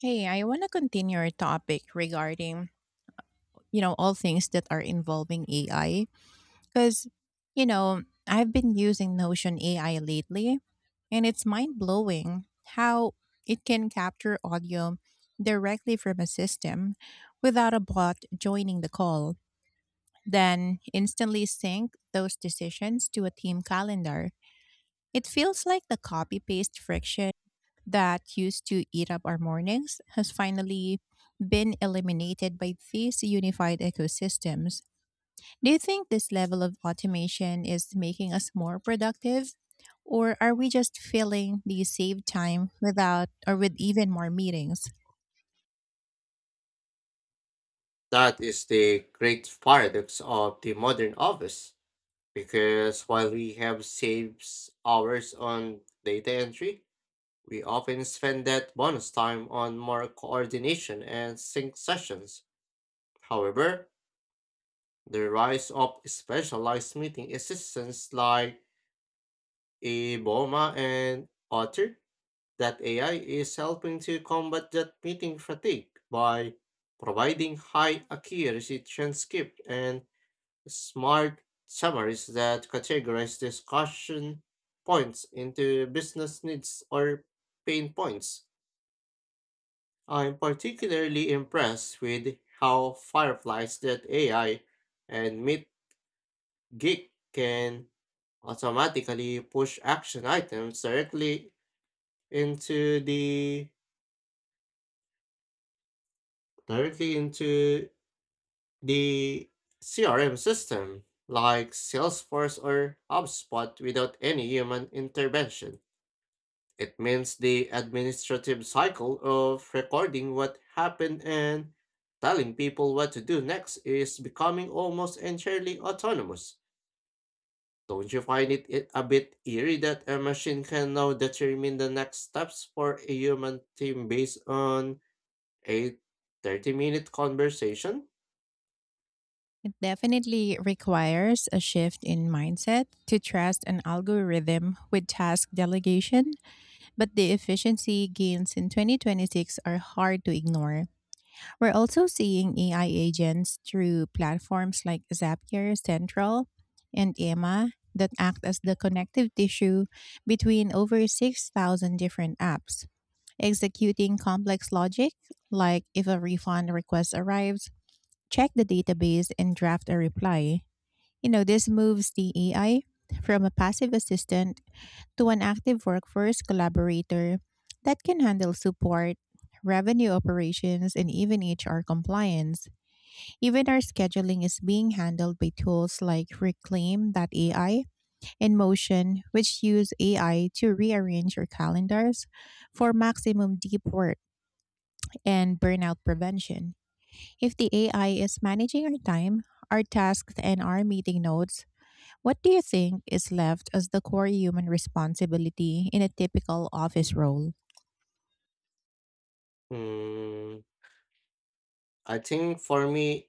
Hey, I want to continue our topic regarding, all things that are involving AI because, I've been using Notion AI lately, and it's mind-blowing how it can capture audio directly from a system without a bot joining the call, then instantly sync those decisions to a team calendar. It feels like the copy-paste friction that used to eat up our mornings has finally been eliminated by these unified ecosystems. Do you think this level of automation is making us more productive? Or are we just filling the saved time without or with even more meetings? That is the great paradox of the modern office, because while we have saved hours on data entry, we often spend that bonus time on more coordination and sync sessions. However, the rise of specialized meeting assistants like Iboma and Otter that AI is helping to combat that meeting fatigue by providing high accuracy transcript and smart summaries that categorize discussion points into business needs or pain points. I'm particularly impressed with how fireflies that AI and Meet Geek can automatically push action items into the directly into the CRM system like Salesforce or HubSpot without any human intervention. It means the administrative cycle of recording what happened and telling people what to do next is becoming almost entirely autonomous. Don't you find it a bit eerie that a machine can now determine the next steps for a human team based on a 30-minute conversation? It definitely requires a shift in mindset to trust an algorithm with task delegation. But the efficiency gains in 2026 are hard to ignore. We're also seeing AI agents through platforms like Zapier Central and Emma that act as the connective tissue between over 6,000 different apps, executing complex logic like if a refund request arrives, check the database and draft a reply. This moves the AI from a passive assistant to an active workforce collaborator that can handle support, revenue operations, and even HR compliance. Even our scheduling is being handled by tools like Reclaim AI and Motion, which use AI to rearrange your calendars for maximum deep work and burnout prevention. If the AI is managing our time, our tasks, and our meeting notes, what do you think is left as the core human responsibility in a typical office role? Hmm, I think for me,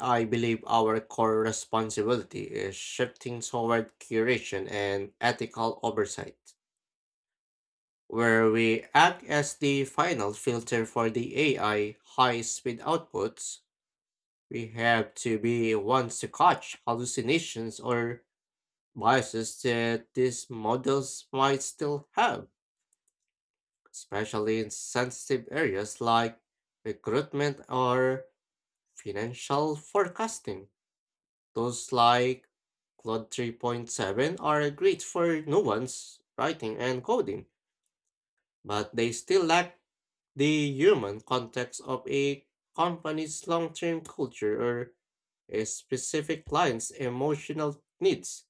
I believe our core responsibility is shifting toward curation and ethical oversight, where we act as the final filter for the AI high speed outputs. We have to be ones to catch hallucinations or biases that these models might still have, especially in sensitive areas like recruitment or financial forecasting. Tools like Claude 3.7 are great for nuance, writing, and coding, but they still lack the human context of a company's long term culture or a specific client's emotional needs.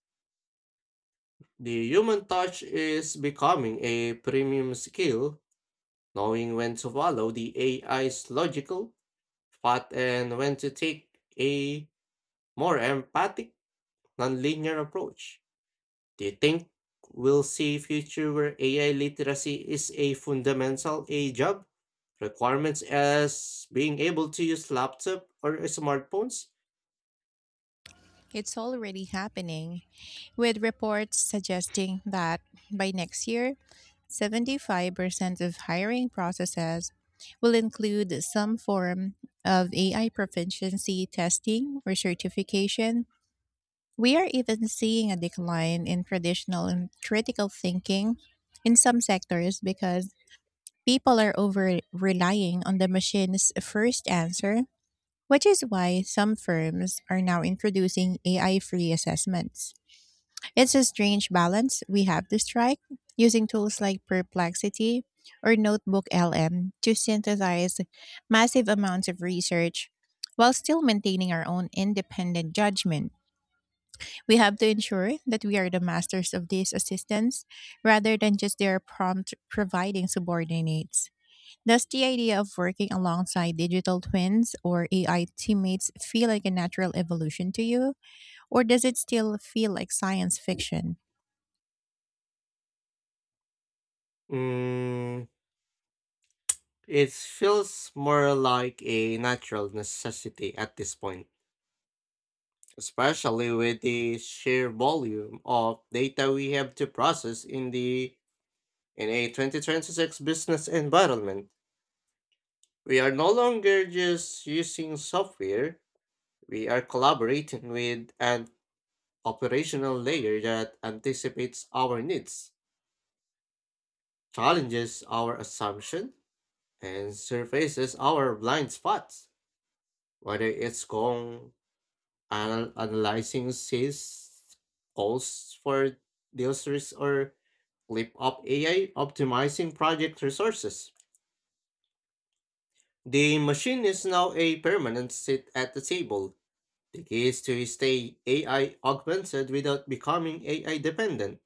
The human touch is becoming a premium skill, knowing when to follow the AI's logical path and when to take a more empathic, nonlinear approach. Do you think we'll see a future where AI literacy is a fundamental A job? Requirements as being able to use laptop or smartphones? It's already happening, with reports suggesting that by next year, 75% of hiring processes will include some form of AI proficiency testing or certification. We are even seeing a decline in traditional and critical thinking in some sectors, because people are over relying on the machine's first answer, which is why some firms are now introducing AI free assessments. It's a strange balance we have to strike, using tools like Perplexity or Notebook LM to synthesize massive amounts of research while still maintaining our own independent judgment. We have to ensure that we are the masters of these assistants rather than just their prompt providing subordinates. Does the idea of working alongside digital twins or AI teammates feel like a natural evolution to you, or does it still feel like science fiction? Mm, it feels more like a natural necessity at this point, especially with the sheer volume of data we have to process in the in a 2026 business environment. We are no longer just using software. We are collaborating with an operational layer that anticipates our needs, challenges our assumption, and surfaces our blind spots, whether it's analyzing sales calls for deals risk or clip up AI optimizing project resources. The machine is now a permanent sit at the table. The key is to stay AI augmented without becoming AI dependent,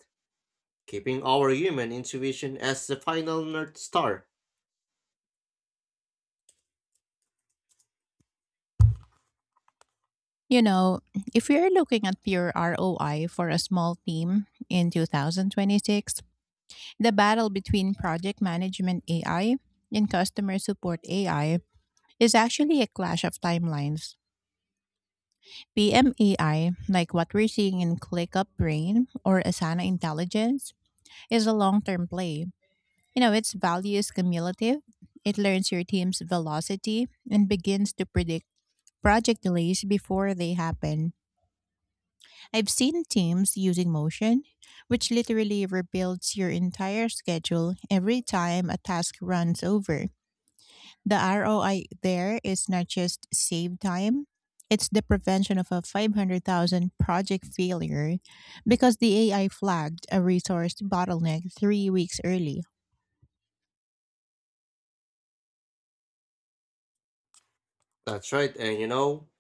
keeping our human intuition as the final North Star. You know, if we are looking at pure ROI for a small team in 2026, the battle between project management AI and customer support AI is actually a clash of timelines. PMAI, like what we're seeing in ClickUp Brain or Asana Intelligence, is a long term play. Its value is cumulative. It learns your team's velocity and begins to predict project delays before they happen. I've seen teams using Motion, which literally rebuilds your entire schedule every time a task runs over. The ROI there is not just save time, it's the prevention of a 500,000 project failure because the AI flagged a resource bottleneck 3 weeks early. That's right, and you know,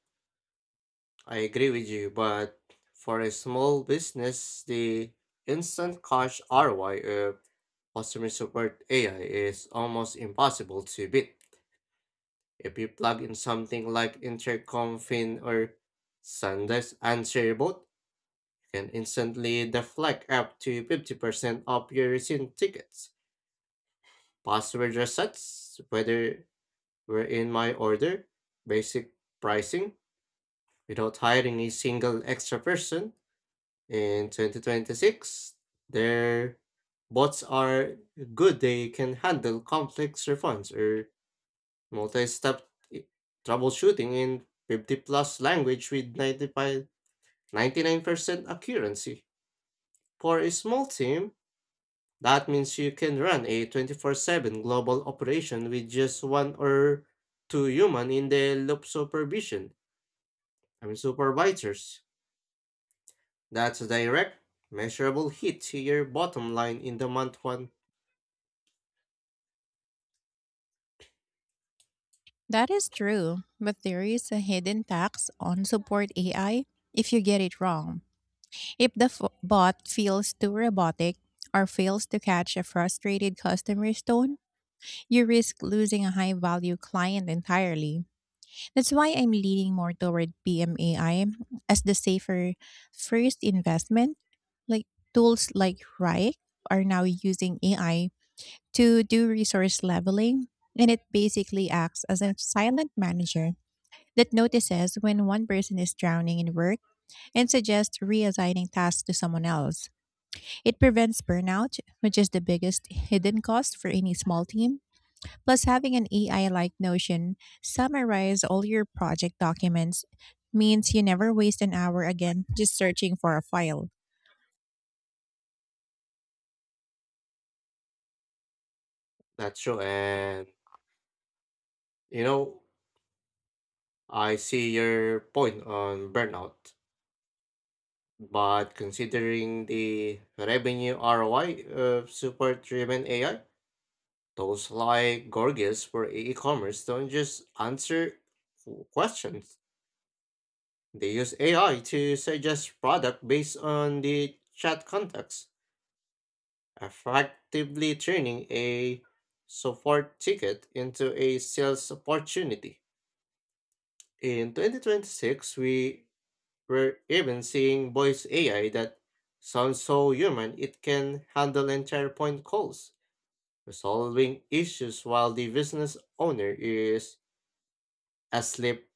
I agree with you, but for a small business, the instant cash ROI of customer support AI is almost impossible to beat. If you plug in something like Intercom, Fin, or Sandesk Answer Bot, you can instantly deflect up to 50% of your recent tickets, password resets, whether were in my order, basic pricing, without hiring a single extra person. In 2026, their bots are good. They can handle complex refunds or multi-step i- troubleshooting in 50 plus language with ninety nine percent accuracy. For a small team, that means you can run a 24/7 global operation with just one or two human in the loop supervision. I mean supervisors. That's a direct, measurable hit to your bottom line in the month one. That is true, but there is a hidden tax on support AI if you get it wrong. If the bot feels too robotic or fails to catch a frustrated customer's tone, you risk losing a high value client entirely. That's why I'm leaning more toward PMAI as the safer first investment. Like, tools like Rike are now using AI to do resource leveling, and it basically acts as a silent manager that notices when one person is drowning in work and suggests reassigning tasks to someone else. It prevents burnout, which is the biggest hidden cost for any small team. Plus, having an AI like Notion summarize all your project documents means you never waste an hour again just searching for a file. That's true. And, you know, I see your point on burnout. But considering the revenue ROI of super driven AI, those like Gorgias for e commerce don't just answer questions. They use AI to suggest product based on the chat context, effectively turning a support ticket into a sales opportunity. In 2026, we were even seeing voice AI that sounds so human it can handle entire point calls, resolving issues while the business owner is asleep.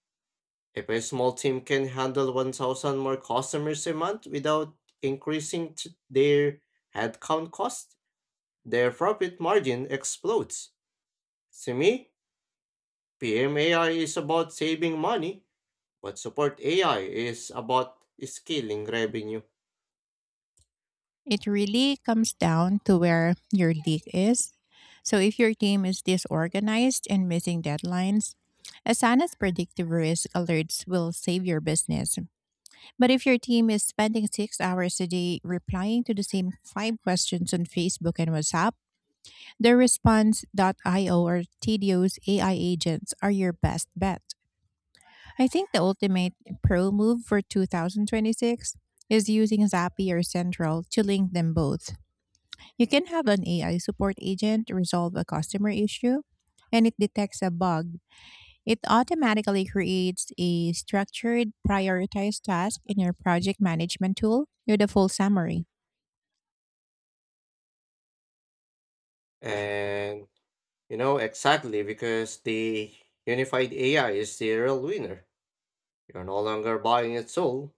If a small team can handle 1,000 more customers a month without their headcount cost, their profit margin explodes. To me, PMAI is about saving money, but support AI is about scaling revenue. It really comes down to where your leak is. So, if your team is disorganized and missing deadlines, Asana's predictive risk alerts will save your business. But if your team is spending 6 hours a day replying to the same five questions on Facebook and WhatsApp, their I o or Tedio's AI agents are your best bet. I think the ultimate pro move for 2026 is using Zapier Central to link them both. You can have an AI support agent resolve a customer issue, and it detects a bug. It automatically creates a structured, prioritized task in your project management tool with a full summary. And you know exactly because the unified AI is the real winner. You're no longer buying a tool,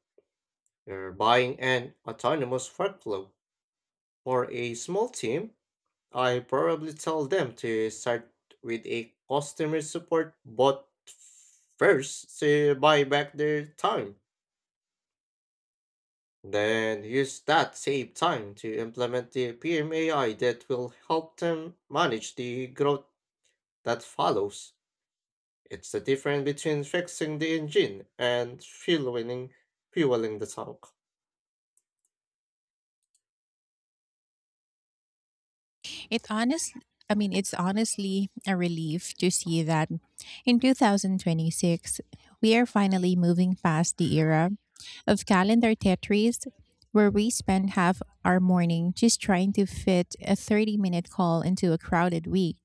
you're buying an autonomous workflow. For a small team, I probably tell them to start with a customer support bot first to buy back their time. Then use that saved time to implement the PMAI that will help them manage the growth that follows. It's the difference between fixing the engine and fueling the tank. It honestly, I mean, it's honestly a relief to see that in 2026, we are finally moving past the era of calendar Tetris, where we spend half our morning just trying to fit a 30-minute call into a crowded week.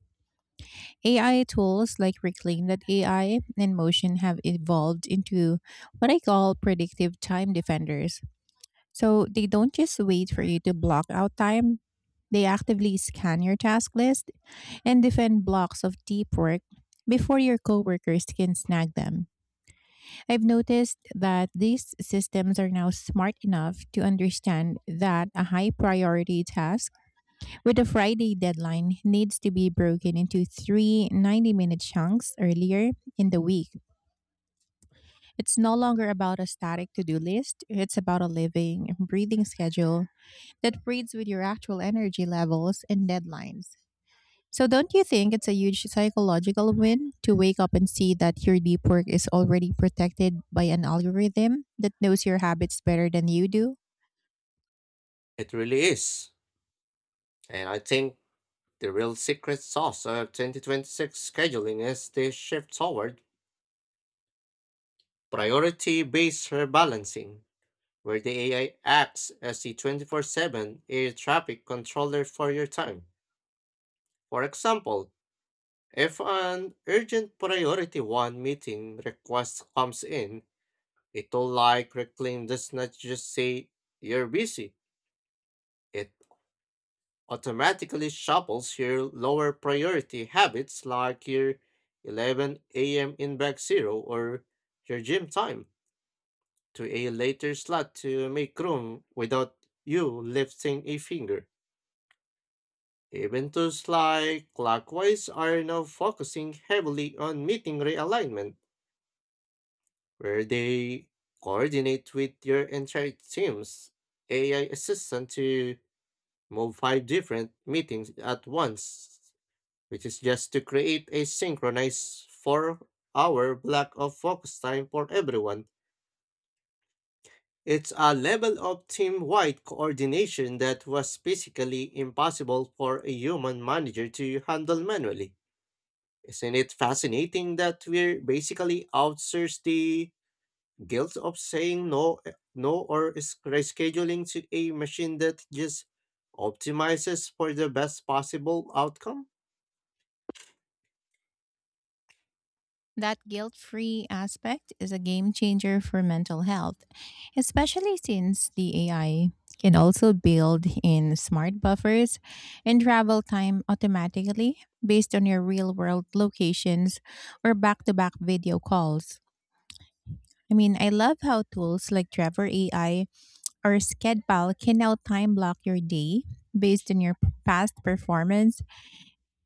AI tools like Reclaim.ai and Motion have evolved into what I call predictive time defenders. So they don't just wait for you to block out time, they actively scan your task list and defend blocks of deep work before your coworkers can snag them. I've noticed that these systems are now smart enough to understand that a high priority task with a Friday deadline needs to be broken into three 90-minute chunks earlier in the week. It's no longer about a static to do list, it's about a living, breathing schedule that breeds with your actual energy levels and deadlines. So, don't you think it's a huge psychological win to wake up and see that your deep work is already protected by an algorithm that knows your habits better than you do? It really is. And I think the real secret sauce of 2026 scheduling is the shift toward priority based rebalancing, where the AI acts as the 24 7 air traffic controller for your time. For example, if an urgent priority one meeting request comes in, it'll like Reclaim does not just say you're busy. It automatically shuffles your lower priority habits like your 11 a.m. inbox zero or your gym time to a later slot to make room without you lifting a finger. Even tools like Clockwise are now focusing heavily on meeting realignment where they coordinate with your entire team's AI assistant to move 5 different meetings at once, which is just to create a synchronized 4 hour block of focus time for everyone. It's a level of team wide coordination that was physically impossible for a human manager to handle manually. Isn't it fascinating that we're basically outsourced the guilt of saying no or is rescheduling to a machine that just optimizes for the best possible outcome? That guilt free aspect is a game changer for mental health, especially since the AI can also build in smart buffers and travel time automatically based on your real world locations or back to back video calls. I mean, I love how tools like Trevor AI or schedule can now time block your day based on your past performance.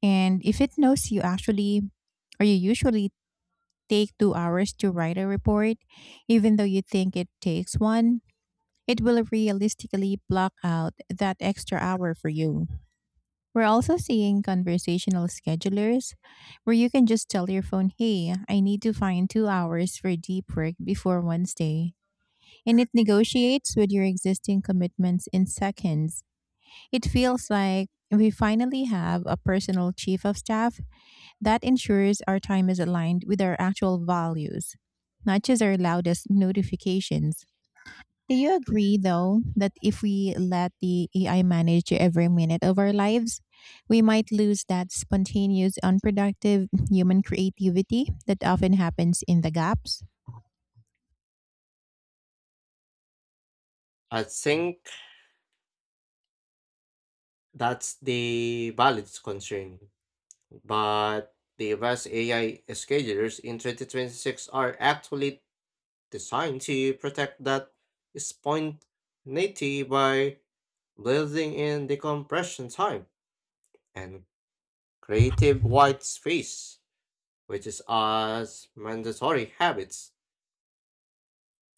And if it knows you actually or you usually take 2 hours to write a report, even though you think it takes one, it will realistically block out that extra hour for you. We're also seeing conversational schedulers where you can just tell your phone, "Hey, I need to find 2 hours for deep work before Wednesday." And it negotiates with your existing commitments in seconds. It feels like we finally have a personal chief of staff that ensures our time is aligned with our actual values, not just our loudest notifications. Do you agree, though, that if we let the AI manage every minute of our lives, we might lose that spontaneous, unproductive human creativity that often happens in the gaps? I think that's the valid concern, but the best AI schedulers in 2026 are actually designed to protect that spontaneity by building in decompression time and creative white space, which is as mandatory habits.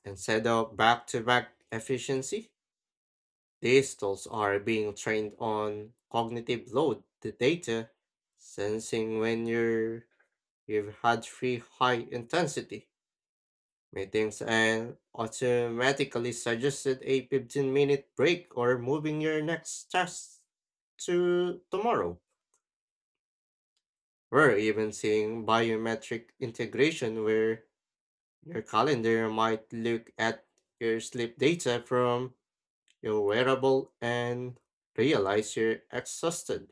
Instead of back to back efficiency, these tools are being trained on cognitive load, the data, sensing you've had 3 high intensity meetings, and automatically suggested a 15-minute break or moving your next task to tomorrow. We're even seeing biometric integration where your calendar might look at your sleep data from your wearable and realize you're exhausted.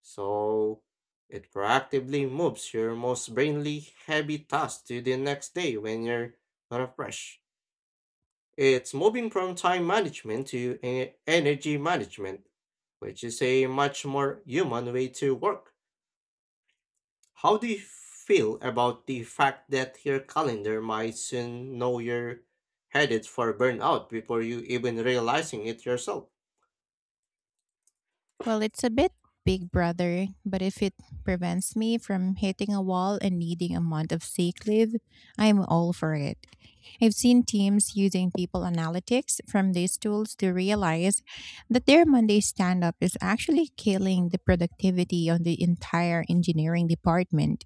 So it proactively moves your most brainly heavy tasks to the next day when you're refreshed. It's moving from time management to energy management, which is a much more human way to work. How do you feel about the fact that your calendar might soon know you're headed for burnout before you even realizing it yourself? Well, it's a bit Big Brother, but if it prevents me from hitting a wall and needing a month of sick leave, I'm all for it. I've seen teams using people analytics from these tools to realize that their Monday stand up is actually killing the productivity of the entire engineering department,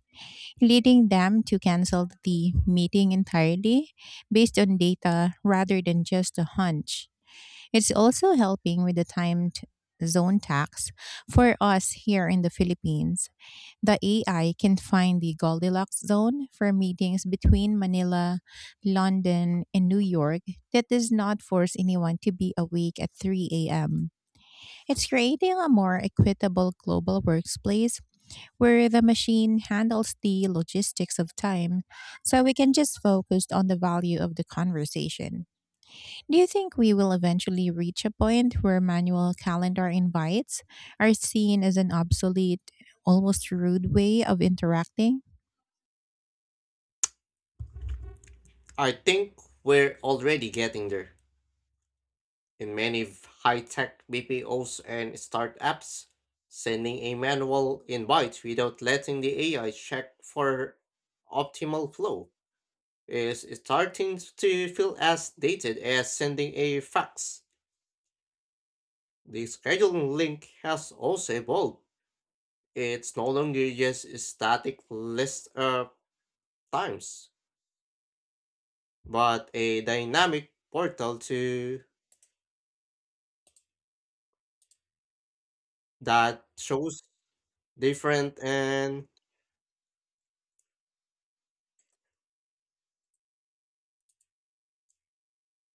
leading them to cancel the meeting entirely based on data rather than just a hunch. It's also helping with the time zone tax. For us here in the Philippines, the AI can find the Goldilocks zone for meetings between Manila, London, and New York that does not force anyone to be awake at 3 a.m. It's creating a more equitable global workplace where the machine handles the logistics of time so we can just focus on the value of the conversation. Do you think we will eventually reach a point where manual calendar invites are seen as an obsolete, almost rude way of interacting? I think we're already getting there. In many high-tech BPOs and startups, sending a manual invite without letting the AI check for optimal flow is starting to feel as dated as sending a fax. The scheduling link has also evolved. It's no longer just a static list of times, but a dynamic portal to that shows different and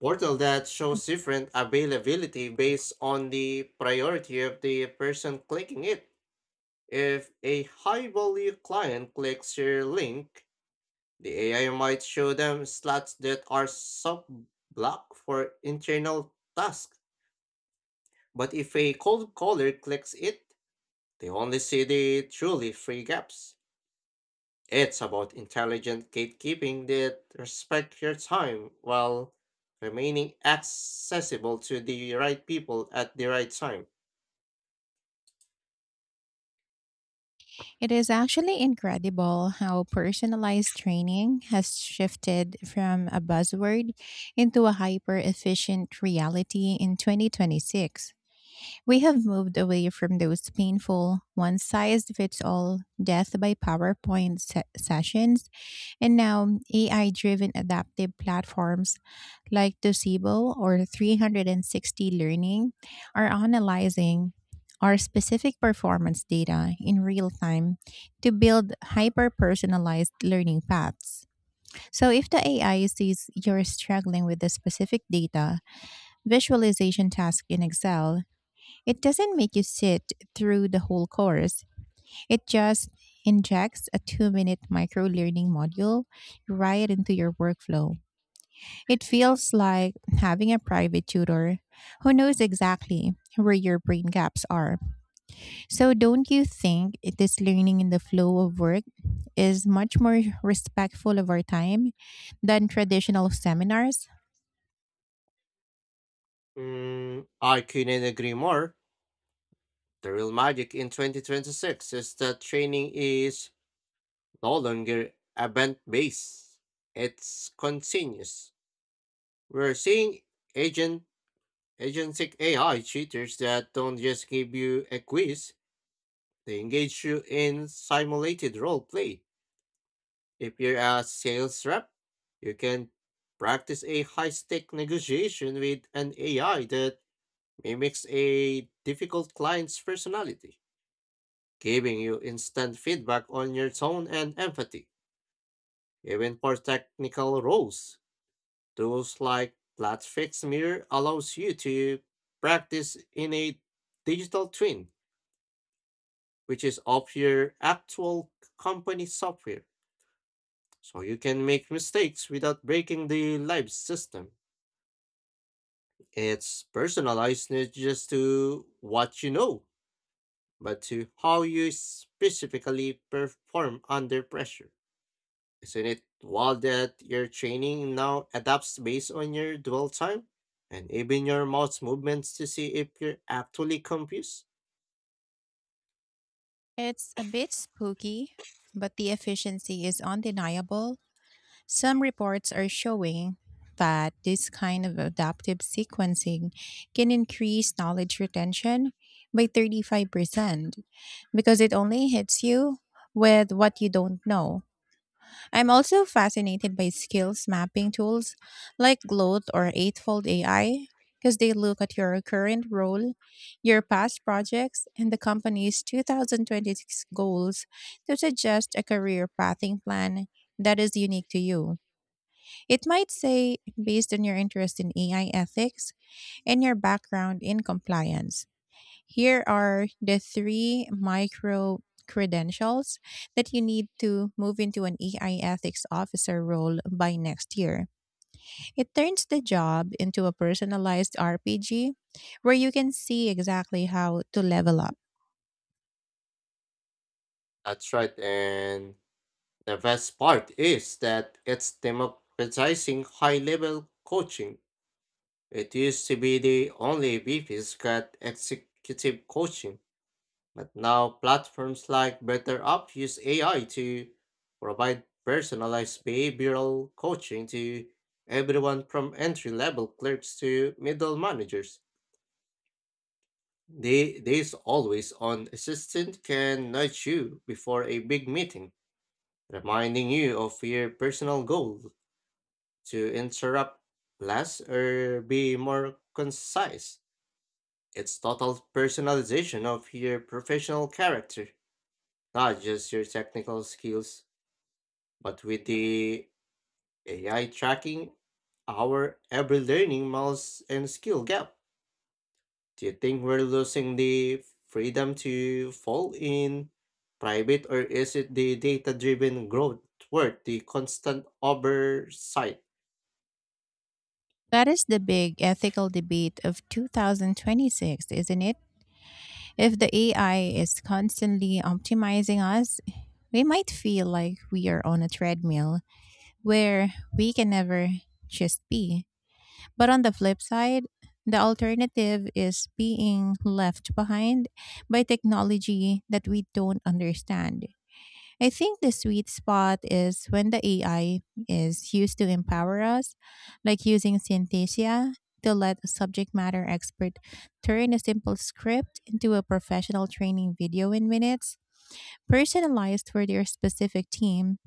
portal that shows different availability based on the priority of the person clicking it. If a high value client clicks your link, the AI might show them slots that are sub blocked for internal tasks. But if a cold caller clicks it, they only see the truly free gaps. It's about intelligent gatekeeping that respects your time while remaining accessible to the right people at the right time. It is actually incredible how personalized training has shifted from a buzzword into a hyper efficient reality in 2026. We have moved away from those painful, one size fits all death by PowerPoint sessions. And now AI driven adaptive platforms like Docebo or 360 Learning are analyzing our specific performance data in real time to build hyper personalized learning paths. So, if the AI sees you're struggling with the specific data visualization task in Excel, it doesn't make you sit through the whole course. It just injects a 2 minute micro learning module right into your workflow. It feels like having a private tutor who knows exactly where your brain gaps are. So, don't you think this learning in the flow of work is much more respectful of our time than traditional seminars? I couldn't agree more. The real magic in 2026 is that training is no longer event based, it's continuous. We're seeing agent agentic AI cheaters that don't just give you a quiz. They engage you in simulated role play. If you're a sales rep, you can practice a high stake negotiation with an AI that mimics a difficult client's personality, giving you instant feedback on your tone and empathy. Even for technical roles, tools like Fix Mirror allows you to practice in a digital twin, which is of your actual company software. So you can make mistakes without breaking the live system. It's personalized not just to what you know, but to how you specifically perform under pressure. Isn't it wild that your training now adapts based on your dwell time and even your mouse movements to see if you're actually confused? It's a bit spooky, but the efficiency is undeniable. Some reports are showing that this kind of adaptive sequencing can increase knowledge retention by 35% because it only hits you with what you don't know. I'm also fascinated by skills mapping tools like Gloat or Eightfold AI, because they look at your current role, your past projects, and the company's 2026 goals to suggest a career pathing plan that is unique to you. It might say, based on your interest in AI ethics and your background in compliance, here are the three micro credentials that you need to move into an AI ethics officer role by next year. It turns the job into a personalized RPG where you can see exactly how to level up. That's right, and the best part is that it's democratizing high level coaching. It used to be the only VPs got executive coaching, but now platforms like BetterUp use AI to provide personalized behavioral coaching to everyone from entry-level clerks to middle managers. This always-on assistant can nudge you before a big meeting, reminding you of your personal goal to interrupt less or be more concise. It's total personalization of your professional character, not just your technical skills, but with the AI tracking our every learning miles and skill gap. Do you think we're losing the freedom to fall in private, or is it the data driven growth worth the constant oversight? That is the big ethical debate of 2026, isn't it? If the AI is constantly optimizing us, we might feel like we are on a treadmill where we can never just be. But on the flip side, the alternative is being left behind by technology that we don't understand. I think the sweet spot is when the AI is used to empower us, like using Synthesia to let a subject matter expert turn a simple script into a professional training video in minutes, personalized for their specific team.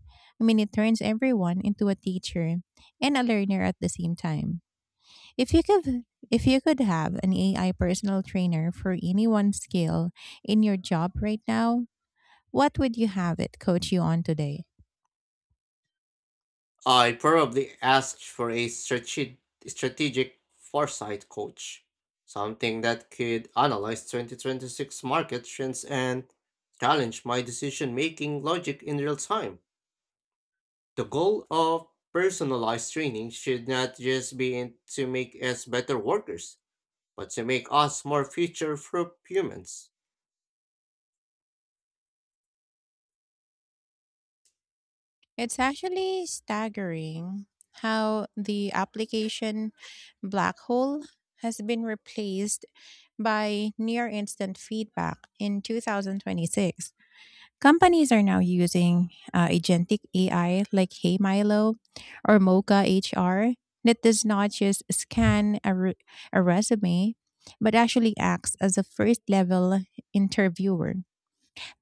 I mean, it turns everyone into a teacher and a learner at the same time. If you could if you could have an AI personal trainer for any one skill in your job right now, what would you have it coach you on today? I probably asked for a strategic foresight coach, something that could analyze 2026 market trends and challenge my decision making logic in real time. The goal of personalized training should not just be to make us better workers, but to make us more future proof humans. It's actually staggering how the application black hole has been replaced by near instant feedback in 2026. Companies are now using agentic AI like Hey Milo or Mocha HR that does not just scan a resume, but actually acts as a first level interviewer.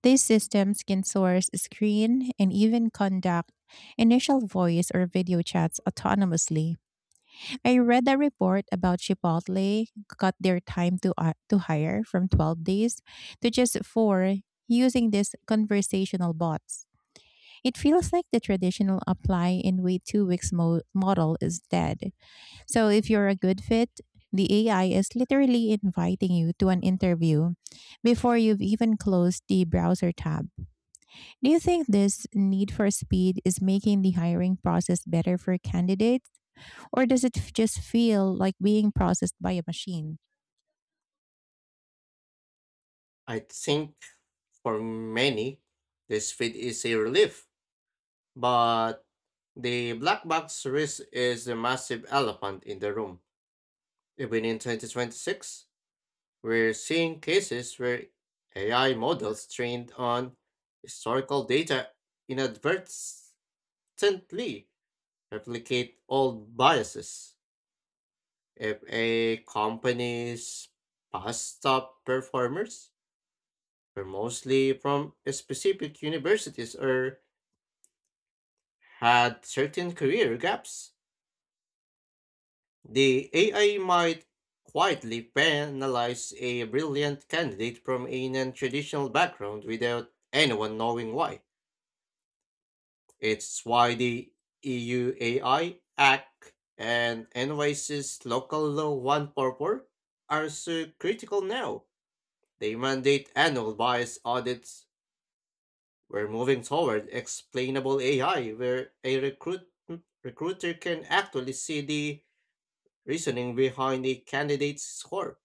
These systems can source, screen, and even conduct initial voice or video chats autonomously. I read a report about Chipotle cut their time to hire from 12 days to just four using these conversational bots. It feels like the traditional apply and wait 2 weeks model is dead. So if you're a good fit, the AI is literally inviting you to an interview before you've even closed the browser tab. Do you think this need for speed is making the hiring process better for candidates, or does it just feel like being processed by a machine? I think for many, this fit is a relief. But the black box risk is the massive elephant in the room. Even in 2026, we're seeing cases where AI models trained on historical data inadvertently replicate old biases. If a company's past top performers were mostly from specific universities or had certain career gaps, the AI might quietly penalize a brilliant candidate from a non traditional background without anyone knowing why. It's why the EU AI Act and NYC's Local Law 144 are so critical now. They mandate annual bias audits. We're moving toward explainable AI where a recruiter can actually see the reasoning behind a candidate's score.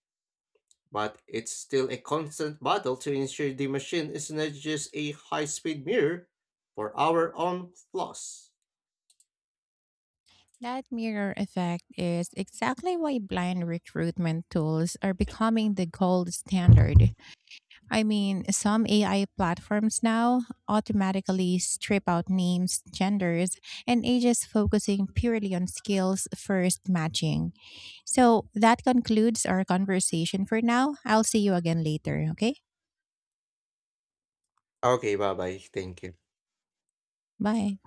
But it's still a constant battle to ensure the machine is not just a high speed mirror for our own flaws. That mirror effect is exactly why blind recruitment tools are becoming the gold standard. I mean, some AI platforms now automatically strip out names, genders, and ages, focusing purely on skills first matching. So that concludes our conversation for now. I'll see you again later. Okay? Okay, bye bye. Thank you. Bye.